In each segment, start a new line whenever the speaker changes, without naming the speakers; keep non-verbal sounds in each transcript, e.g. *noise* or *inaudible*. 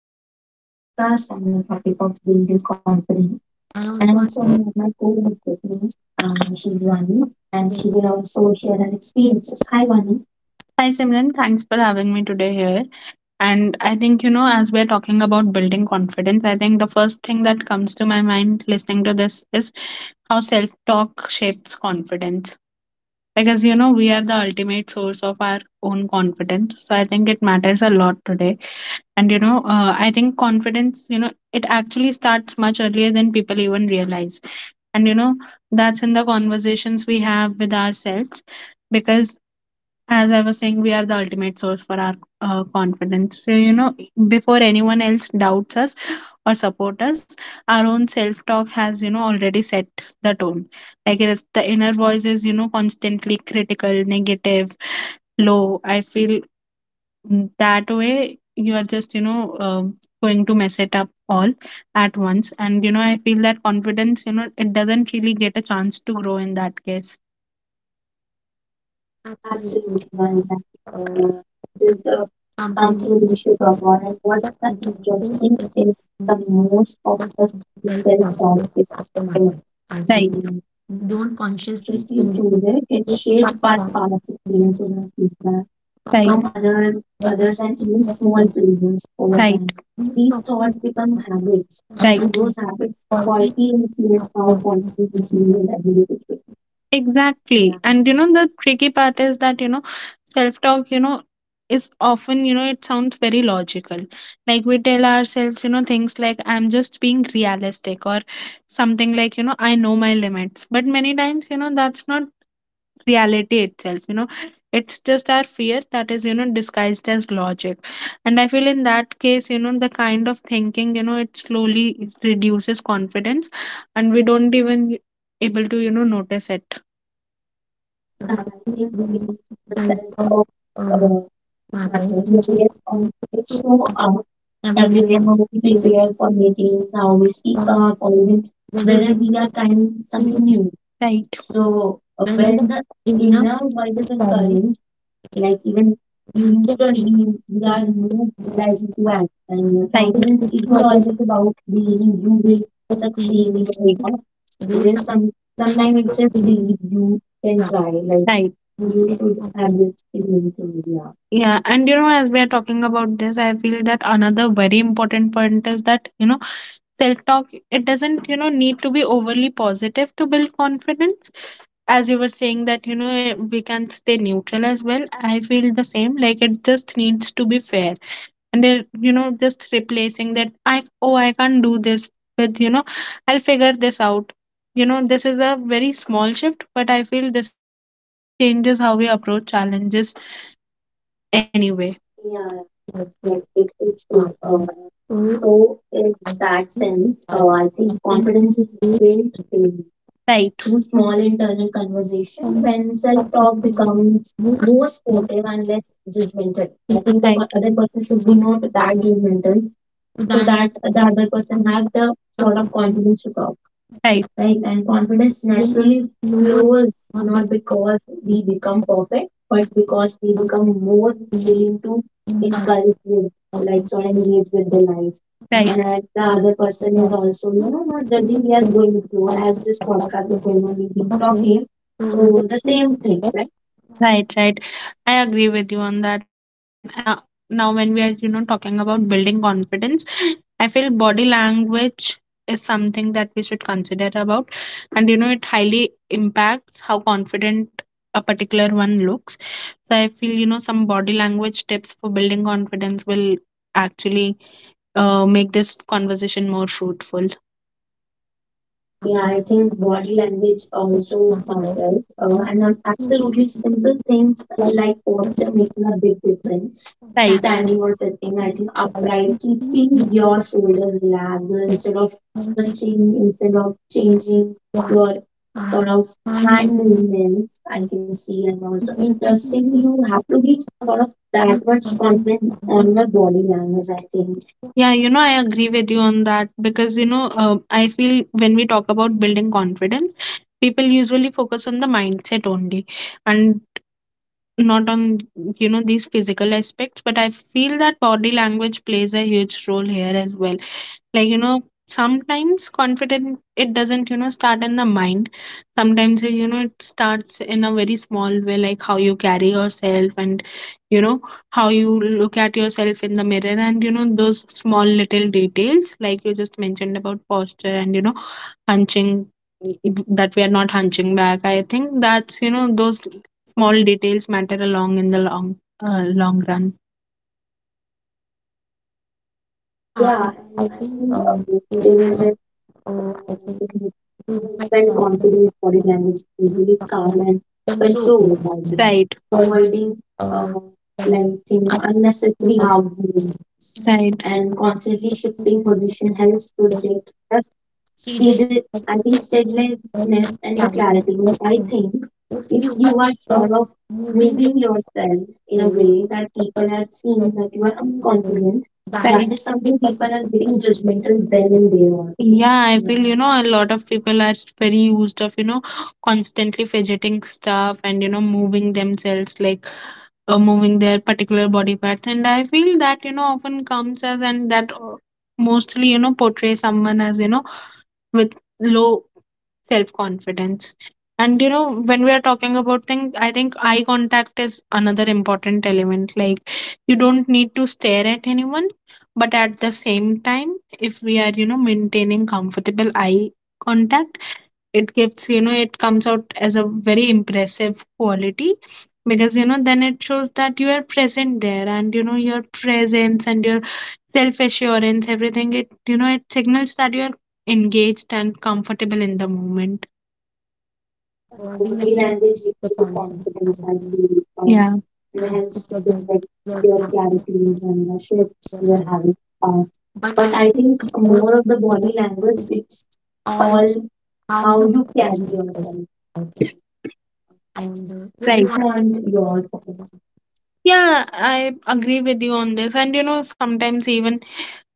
We are doing podcast on the topic of building confidence.
and
And
also I
also one of my co-hosts with me. She's Vani, and she
will
will also share her experiences. Hi, Vani. Hi Simran, thanks for having me today here. And I think, you know, as we're talking about building confidence, I think the first thing that comes to my mind listening to this is how self talk shapes confidence. Because, you know, we are the ultimate source of our own confidence. So I think it matters a lot today, and you know, I think confidence, you know, it actually starts much earlier than people even realize. And you know, that's in the conversations we have with ourselves because, as I was saying, we are the ultimate source for our confidence. So, you know, before anyone else doubts us or support us, our own self talk has, you know, already set the tone. Like, the inner voice is, you know, constantly critical, negative, low I feel. That way you are just, you know, going to mess it up all at once. And you know, I feel that confidence, you know, it doesn't really get a chance to grow in that case.
absolutely
Absolutely, Anita.
love uh,
Uh,
is
this
that
is
something which
something we
is
should avoid. And
wonderful,
what's
but
the
it also
interesting
is
is the most of
just
us
self
self-talk
conscious
is.
of the matter. I
Right.
will
We
don't
don't
consciously
consciously
choose
choose it. It's
it,
shaped
but
by
from
past experiences
from
and feedback. Right. From
others
others
and
and even small
choose
failures over, right,
that
time.
these
These
topics
thoughts become habits, right,
and
and, right,
those
those habits
qualities
quietly influence
of
how
topics
confident we
we
feel in everyday situations. Exactly. And you know, the tricky part is that, you know, self talk, you know, is often, you know, it sounds very logical. Like, we tell ourselves, you know, things like, I'm just being realistic, or something like, you know, I know my limits. But many times, you know, that's not reality itself, you know, it's just our fear that is, you know, disguised as logic. And I feel in that case, you know, the kind of thinking, you know, it slowly reduces confidence, and we don't even able to, you know, notice it. Yeah, I think we
need to dive
percent of
on uh,
uh,
matters.
matters,
Which is.
yes, on it show up
Everywhere
everywhere, how
on
we
the
prepare for meetings, how we speak
earth,
up, or even
whether
whether
we
we are trying
speak
something
in
new. Right. So when
Vedanta,
the
Jnana,
inner voice is
or Pali,
encouraged, like even
you can
neutral, we,
be
we are moved like
very
into action.
happy.
Right.
This
Confidence
is
isn't
always
always about believing you will
exceeding
succeed or not.
the
It
way
is some sometimes
sometimes
it just believe
the
you can
graph
try. Like, right,
you
you
should
should
have
have
this
this feeling to, yeah. Yeah, and you know, as we are talking about this, I feel that another very important point is that, you know, self talk, it doesn't, you know, need to be overly positive to build confidence, as you were saying that you know, we can stay neutral as well. I feel the same, like it just needs to be fair. And then you know, just replacing that I, oh, I can't do this with, you know, I'll figure this out, you know, this is a very small shift, but I feel this is, you know, it changes how we approach challenges anyway. Yeah.
with
Yeah, it's good.
for
Uh,
and so
so, in
I
that
think
sense,
I
I think
I think
confidence is
they
built daily, right, through small internal conversation
can
when self talk
probably
becomes
most
more supportive and less judgmental. I think the,
relevant
right, other person should
in the
be
most
not that judgmental, so
that
that the
the
other person have the sort of
completion
confidence to talk. Right, right, and confidence naturally
lowers
flows,
or
not
becomes
because we become perfect but because we become more
in
willing to
inside
encourage with,
or
like, sort of
confused.
engage with the life. Right.
And
And
I
that the
get
other
the
person is
process.
also, you know, not judging. We are going through,
I
as
think
this
that
podcast is going on,
process
we've been
okay.
talking,
So
so
that
the
is
same
the
thing.
best
Right, right. I agree with you on that. And you know, now, when we are, you know, talking about building confidence, I feel body language is something that we should consider about. And you know, it highly impacts how confident a particular one looks. So I feel, you know, some body language tips for building confidence will actually make this conversation more fruitful. Yeah, I think body language also
master
matters,
and
and
it is
absolutely simple things
like
like posture making a big difference. Right.
that
Standing or
I
sitting, I
think
think,
that I
upright,
think she
keeping
is
your
the
shoulders relaxed, or
best
instead of
when she
hunching, instead of
will
changing your sort
uh,
of
find
hand
the
movements. I can see, and also interestingly, you
consistency.
have to be sort of that much
I think,
confident on your body language. I think, yeah, you know, I agree with you on that because, you know, I feel when we talk about building confidence, people usually focus on the mindset only, and not on, you know, these physical aspects. But I feel that body language plays a huge role here as well. Like, you know, sometimes confidence, it doesn't, you know, start in the mind. Sometimes, you know, it starts in a very small way, like how you carry yourself, and you know, how you look at yourself in the mirror, and you know, those small little details like you just mentioned about posture, and you know, hunching, that we are not hunching back. I think that's, you know, those small details matter along in the long, long run.
yeah,
Yeah, and
I
I
think
think,
usually
uh,
I
I
think
think
we quite
when
confident
confidence, body
that
language is
any
usually calm
problem
and
control
controlled. I
philosophy.
think, right,
Well,
avoiding uh,
uh, when
like, thing
asking
unnecessary
about
harm.
the
Right. And constantly shifting position helps
that
project the
seeded
I think
hypostatic work
steadiness
and
and the
clarity.
clarity.
I
I
think
think
if
if
you
you
are
are sort
uh,
of
moving your
moving yourself in a
way
way
or
that people are seeing
like
that you are
other people,
unconfident, that,
that
right,
is
is
the
something people are getting judgmental then and there on. Yeah, I, yeah, feel, you know, a lot of people are very used of, you know, constantly fidgeting stuff, and, you know, moving themselves like moving their particular body parts, and I feel that, you know, often comes as, and that mostly, you know, portray someone as, you know, with low self confidence. And you know, when we are talking about things, I think eye contact is another important element. Like, you don't need to stare at anyone, but at the same time, if we are, you know, maintaining comfortable eye contact, it gives, you know, it comes out as a very impressive quality, because you know, then it shows that you are present there, and you know, your presence and your self assurance, everything, it, you know, it signals that you are engaged and comfortable in the moment.
avoiding
Body
language
language
is
gives
the
you the
conflict
confidence, I
currently
feel, yeah, and
is to
helps to
forget
protect
your
your
class
clarity
teacher,
and the shifts
your
you are
house.
having. Uh,
But
but
I
I
think
think
more
more of the
we
body
have to
language,
think
it's all
all how
how
you
you carry
feel
yourself.
about. And just
Right.
want
And your, yeah, I agree with you on this. And you know, sometimes even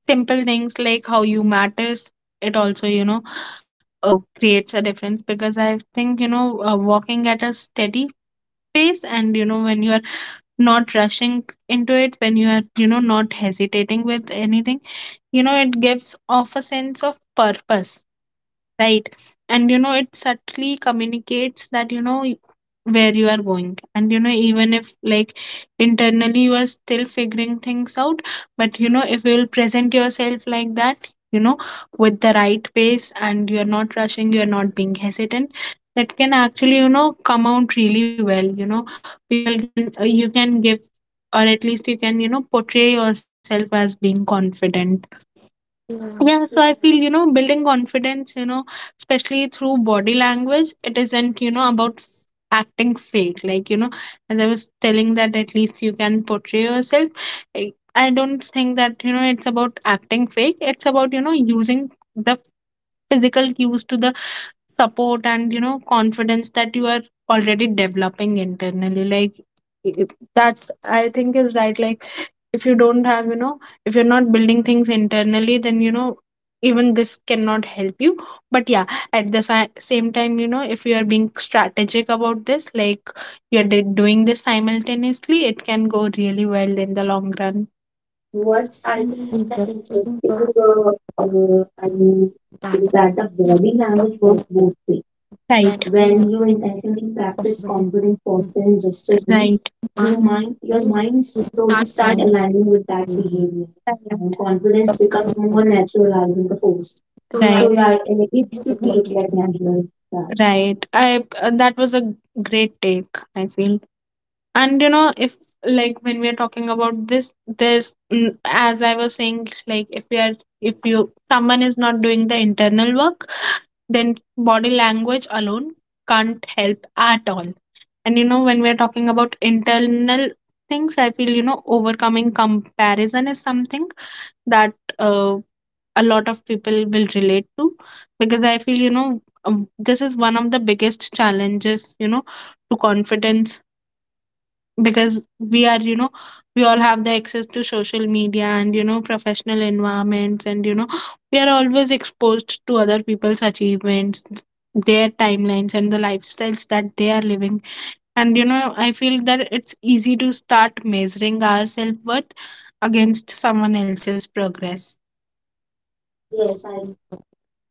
simple things like how you matters, it also, you know, creates a difference, because I think, you know, walking at a steady pace and, you know, when you are not rushing into it, when you are, you know, not hesitating with anything, you know, it gives off a sense of purpose. Right. And you know, it subtly communicates that, you know, where you are going. And you know, even if, like, internally you are still figuring things out, but you know, if you will present yourself like that, you know, with the right pace, and you're not rushing, you're not being hesitant, that can actually, you know, come out really well. You know, people can, you can give, or at least you can, you know, portray yourself as being confident. Yeah,
uh,
so I feel, you know, building confidence, you know, especially through body language, it isn't, you know, about acting fake. Like, you know, as I was telling, that at least you can portray yourself. I don't think that, you know, it's about acting fake. It's about, you know, using the physical cues to the support and, you know, confidence that you are already developing internally. Like, i- i- that's, I think, is right. Like, if you don't have, you know, if you're not building things internally, then you know, even this cannot help you, but yeah, at the same time, you know, if you are being strategic about this, like, you're doing this simultaneously, it can go really well in the long run. What's, I
think
think, the interesting,
interesting for uh,
I mean,
that
is
the
that the
fear
body
of
language works both
posting
ways. Right.
when you
When
make
you intentionally practice
competition
confidence, posture and gesture cues, right, you
mind
mind your
is
mind
to
slowly
start
start
playing
aligning with that
crazy.
behavior, right, and confidence becomes more
So
natural rather than the forced. So, right,
yeah, I think
yeah, and it
it's
should be looked like
a
natural. Yeah. Right. I That was a great take, I feel. And you know if Like when we are talking about this, as I was saying, like if we are if you someone is not doing the internal work, then body language alone can't help at all. And you know, when we are talking about internal things, I feel, you know, overcoming comparison is something that uh, a lot of people will relate to, because I feel, you know, this is one of the biggest challenges, you know, to confidence. Because we are, you know, we all have the access to social media and, you know, professional environments, and, you know, we are always exposed to other people's achievements, their timelines and the lifestyles that they are living. And you know, I feel that it's easy to start measuring our self-worth against someone else's progress. Yes, I
classification.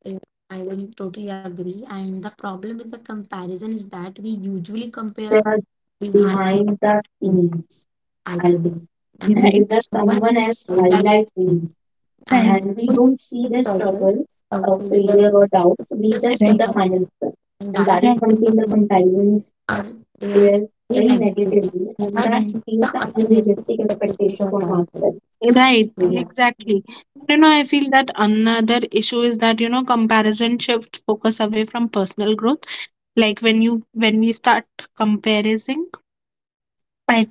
Yeah, I will totally agree. And the problem with the comparison is that we usually compare our
compare
behind the
behind the
scenes,
scenes,
I
I
think,
think.
and
And
with
right, does
one
someone else
highlight
highlight.
reel.
Right,
And
and we
full
don't see their
struggle
struggles,
favor
failure, or doubts. We
just
just see,
the
right, the final
hustle.
result,
And
and
that
that is,
is
right,
because
something
the
the
people
comparisons
are there
bear
very
very
negatively.
negatively,
We
and that,
have
right, creates
the
an
unrealistic
unrealistic
expectations
expectation
of
from
ourselves.
ourselves. Right. Yeah,
Yeah.
exactly. You know, I feel that another issue is that, you know, comparison shifts focus away from personal growth. Like when we start comparing, I feel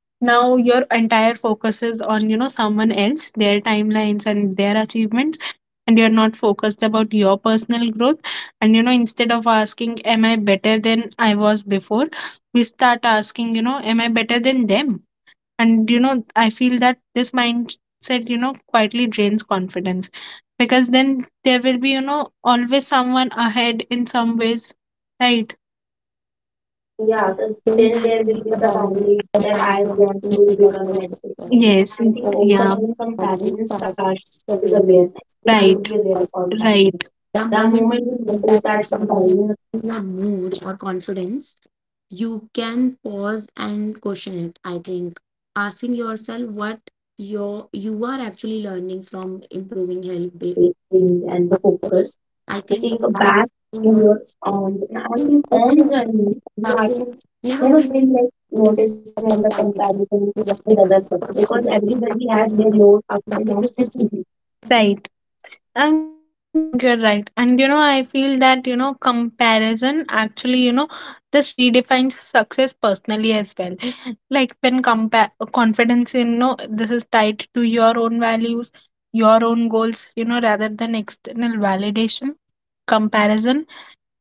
now your entire focus is on, you know, someone else, their timelines and their achievements, and you're not focused about your personal growth. And, you know, instead of asking, am I better than I was before? We start asking, you know, am I better than them? And, you know, I feel that this mindset, you know, quietly drains confidence, because then there will be, you know, always someone ahead in some ways, right?
Yeah,
Yeah,
just don't
then there will be
the
the
boundaries
boundary
of
that
my
I want
boundaries
to
because
become
of
like
this.
this.
You have
Yes. I think. Yeah.
also
Overcoming
already
comparison
solved
starts
the
with
way
awareness. We have to,
it
right,
is
be aware of
also.
our boundaries. Right.
The
The
moment
moment we
you take
notice
that
that
down
comparison is
in your mood or confidence, you can pause and question it. I think asking yourself what your you are actually learning from improving
improving
help.
healthy things and the focus,
I
I
think
think
that
back
in
in
your
your
uh,
own, I
in
think, own
also,
journey, you have to
you know,
never
we
be like
sometimes
noticing
a
and the
compatibility
comparison
with the
with
other
other
person
people,
because the
because
evidence has been
everybody has
factored
their
more
low ups and
that is
downs
deficiency.
differently. Right. And yeah, I think you're right. And you know, I feel that, you know, comparison actually, you know, this redefines success personally as well. *laughs* Like when compare confidence, you know, this is tied to your own values, your own goals, you know, rather than external validation, comparison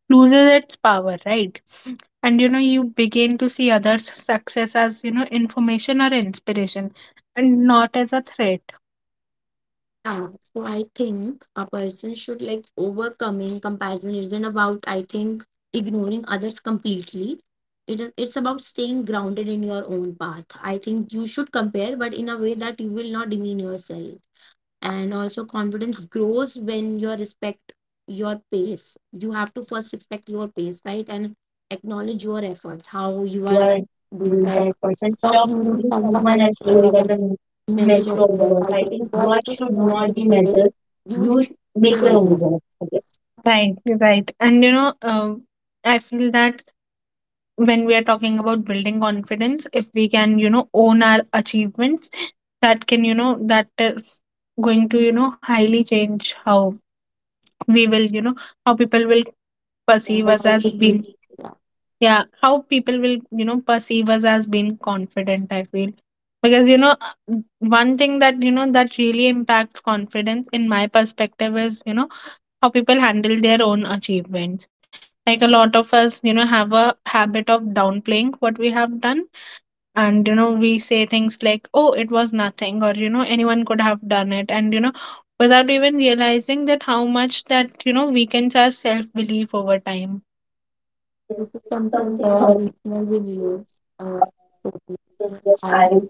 loses its power, right? *sniffs* And you know, you begin to see others' success as, you know, information or inspiration and not as a threat.
Yeah, so I think a person should like overcoming comparison isn't about, I think, ignoring others completely. It's about staying grounded in your own path. I think you should compare, but in a way that you will not demean yourself. And also confidence grows when you respect your pace. You have to first respect your pace, right, and acknowledge your efforts how
How
you
you
are
are
doing
doing that
that.
person.
Stop
Stop
using
using
someone
someone
else's
else's
goal
story as
as
a
a measure
measure
of
of the
yours.
work.
I
I
just
think
God
work
should
should
not
not
be
be
subject.
measured.
You
You
should
sh- Make
care
your
of
own
them.
work. I right, you're right. And you know, I feel that when we are talking about building confidence, if we can, you know, own our achievements, that can, you know, that is going to, you know, highly change how we will, you know, how people will
Yeah,
perceive
how
us as
it is.
being.
Yeah.
Yeah, how people will, you know, perceive us as being confident, I feel. Because you know, one thing that, you know, that really impacts confidence in my perspective is, you know, how people handle their own achievements. Like a lot of us, you know, have a habit of downplaying what we have done. And you know, we say things like, oh, it was nothing, or, you know, anyone could have done it, and you know, without even realizing that how much that, you know, weakens our self belief over time.
Yes, this is something
Something
our
about
listener will
it.
use. Uh, totally.
Yes,
Yes, I
yes,
will
I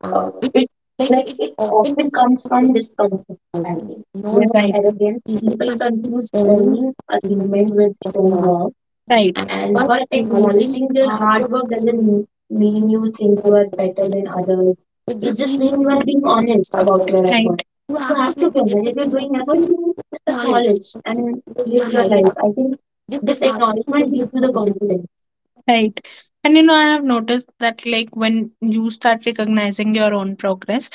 uh,
it's
it
like
like
it
it
often
often
comes
comes from discomfort. I
writing,
think you're
not
more
as
right.
it
Arrogant
is teacher
people
conceived
confuse
learning
earning achievement
imagination
with
was
strong
lost,
work, right,
and
and
but
but
acknowledging
acknowledging your
hard
hard
work
work doesn't
will
m-
new
mean you think you are better
other.
than others.
It
It
just
just
means you
means you
have to
are being honest
for
about your, right,
yourself.
effort. Right,
You
you
have to
have
be
to
this
remember if
to
you're
something,
doing effort,
you
you just
acknowledge
acknowledge
this.
and live your
Realize
life. I
you.
think this acknowledgement gives you the confidence. Right. And you know, I have noticed that, like, when you start recognizing your own progress,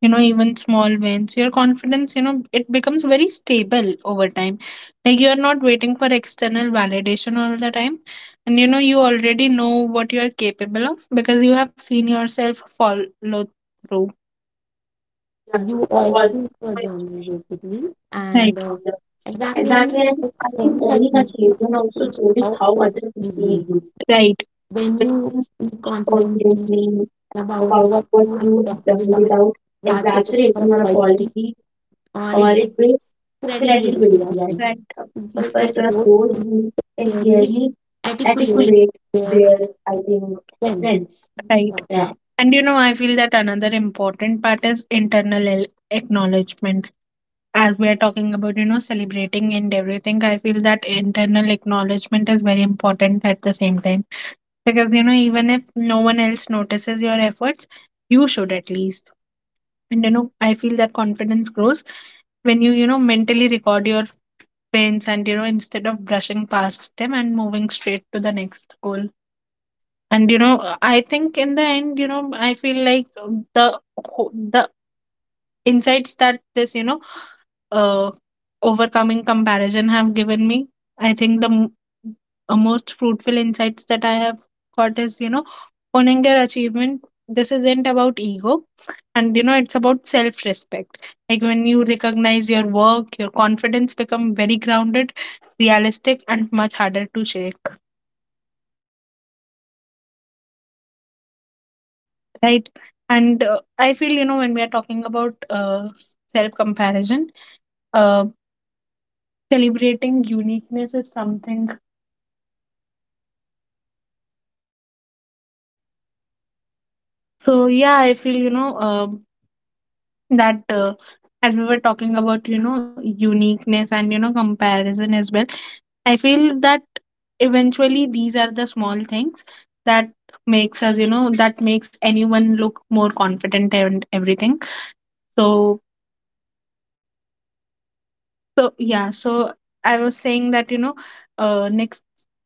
you know, even small wins, your confidence, you know, it becomes very stable over time. Like, you're not waiting for external validation all the time. And, you know, you already know what you're capable of because you have seen yourself follow through.
Uh, all do for journey basically
Right.
and exactly
Exactly,
and
and
it's
I think
only that
owning
you
achievement also changes
how
how others perceive you. Right.
when you feel confident
Confidently
about
about
what
what
you have
you have
done
done
without
without
ratchet
exaggerating
or
your
apology,
apology,
or
or
it
it
builds
builds
credibility, I
credibility. I
think.
think
People
people
trust
trust
those
those
who
who can
clearly
clearly
articulate
articulate their,
their
I think,
sense.
strengths. Right?
Now,
Yeah. And you know, I feel that another important part is internal acknowledgement. As we are talking about, you know, celebrating and everything, I feel that internal acknowledgement is very important at the same time, because you know, even if no one else notices your efforts, you should at least. And you know, I feel that confidence grows when you know, mentally record your pains, and you know, instead of brushing past them and moving straight to the next goal. And you know, I think in the end, you know, I feel like the the insights that this, you know, uh, overcoming comparison have given me. I think the most fruitful insights that I have got is, you know, owning your achievement. This isn't about ego, and you know, it's about self respect. Like when you recognize your work, your confidence become very grounded, realistic, and much harder to shake, right? And I feel, you know, when we are talking about self comparison, uh, celebrating uniqueness is something. So yeah, I feel, you know, that as we were talking about, you know, uniqueness and, you know, comparison as well. I feel that eventually these are the small things that makes us, you know, that makes anyone look more confident and everything. So So yeah, so I was saying that, you know, next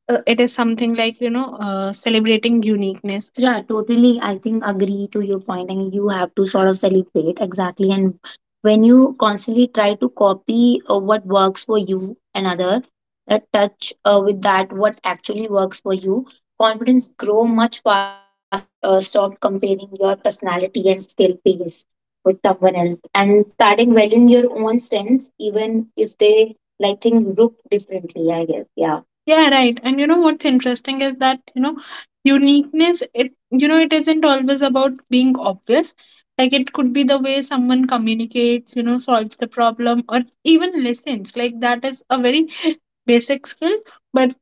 it is something like, you know, celebrating uniqueness. Yeah, totally. I think agree to your point, and you have to sort of celebrate exactly. And when you constantly try to copy what works for you, another touch with that what actually works for you, confidence grow much faster when you stop comparing your personality and skill base with someone else and starting valuing your own strengths, even if they like think look differently, I guess. Yeah. Yeah, right. And you know what's interesting is that, you know, uniqueness, it, you know, it isn't always about being obvious. Like it could be the way someone communicates, you know, solves the problem, or even listens. Like that is a very *laughs* basic skill, but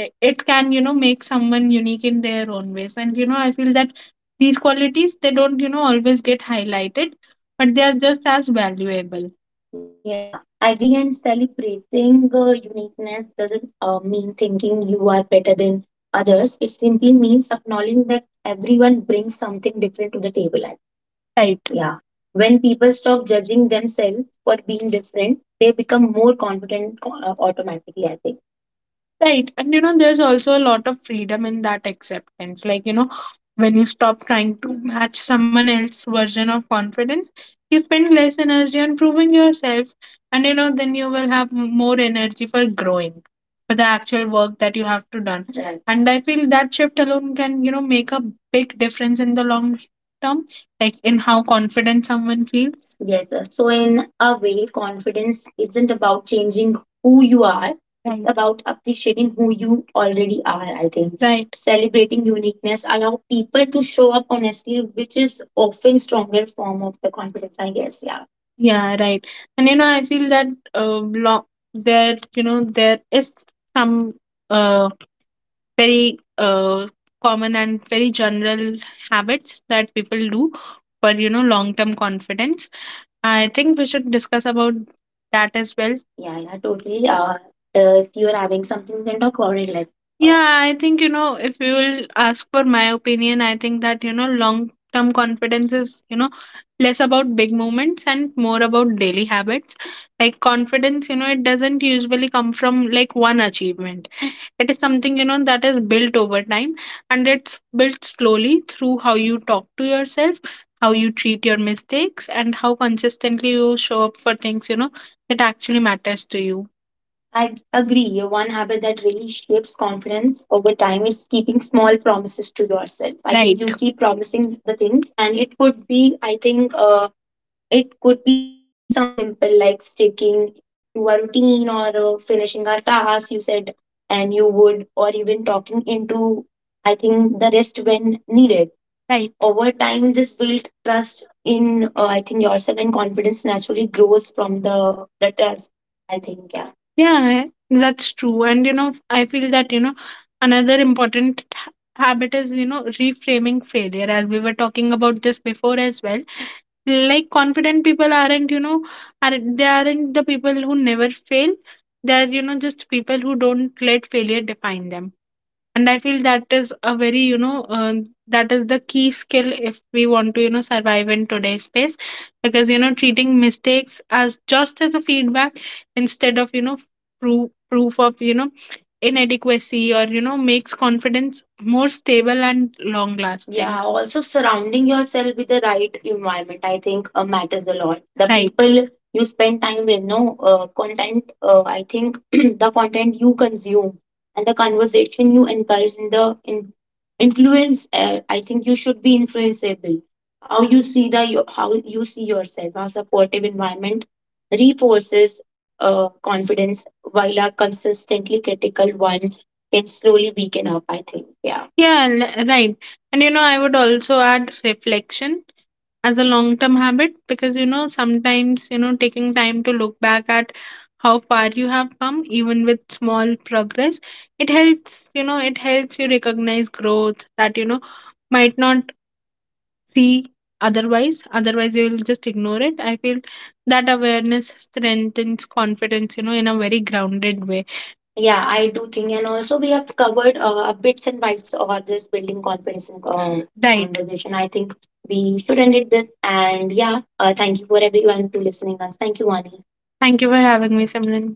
it can, you know, make someone unique in their own ways. And, you know, I feel that these qualities, they don't, you know, always get highlighted, but they are just as valuable. Yeah, agree. And celebrating uniqueness doesn't mean thinking you are better than others. It simply means acknowledging that everyone brings something different to the table. I- right. Yeah. When people stop judging themselves for being different, they become more confident automatically, I think. Right. And you know, there's also a lot of freedom in that acceptance. Like, you know, when you stop trying to match someone else's version of confidence, you spend less energy on proving yourself. And, you know, then you will have more energy for growing, for the actual work that you have to done. Right. And I feel that shift alone can, you know, make a big difference in the long term, like in how confident someone feels. Yes, sir. So in a way, confidence isn't about changing who you are. Right. It's about appreciating who you already are, I think. Right. Celebrating uniqueness allow people to show up honestly, which is often stronger form of the confidence, I guess. Yeah. Yeah, right. And you know, I feel that uh, lo- there, you know, there is some uh, very common and very general habits that people do for, you know, long term confidence. I think we should discuss about that as well. Yeah, yeah, totally. If you are having something, you can talk about it. Like, yeah, I think you know, if you will ask for my opinion, I think that, you know, long term confidence is, you know, less about big moments and more about daily habits. Like confidence, you know, it doesn't usually come from like one achievement, it is something, you know, that is built over time, and it's built slowly through how you talk to yourself, how you treat your mistakes, and how consistently you show up for things, you know, that actually matters to you. I agree. One habit that really shapes confidence over time is keeping small promises to yourself. I think, right, you keep promising the things, and it could be, I think, it could be something simple like sticking to a routine, or finishing a task, you said, and you would, or even talking into, I think, the rest when needed. Right. Over time, this built trust in, I think, yourself, and confidence naturally grows from the trust, I think, yeah. Yeah, that's true. And you know, I feel that you know, another important habit is, you know, reframing failure, as we were talking about this before as well. Like confident people aren't, you know, are they aren't the people who never fail, they're, you know, just people who don't let failure define them. And I feel that is a very, you know, that is the key skill if we want to, you know, survive in today's space. Because, you know, treating mistakes as just as a feedback instead of, you know, proof of, you know, inadequacy, or, you know, makes confidence more stable and long lasting. Yeah, also surrounding yourself with the right environment, I think matters a lot. The, right, people you spend time with, no content. I think *clears throat* the content you consume and the conversation you encourage in the in influence I think you should be influenceable, how you see how you see yourself, how supportive environment reinforces confidence while a consistently critical one can slowly weaken up, I think, yeah. Yeah, right. And you know, I would also add reflection as a long term habit, because you know, sometimes you know, taking time to look back at how far you have come, even with small progress. It helps, you know, it helps you recognize growth that, you know, might not see otherwise. Otherwise, you will just ignore it. I feel that awareness strengthens confidence, you know, in a very grounded way. Yeah, I do think, and also we have covered bits and bytes of this building confidence in, right, conversation. I think we should end it this, and yeah, thank you for everyone to listening us. Thank you, Vani. Thank you for having me, Simran.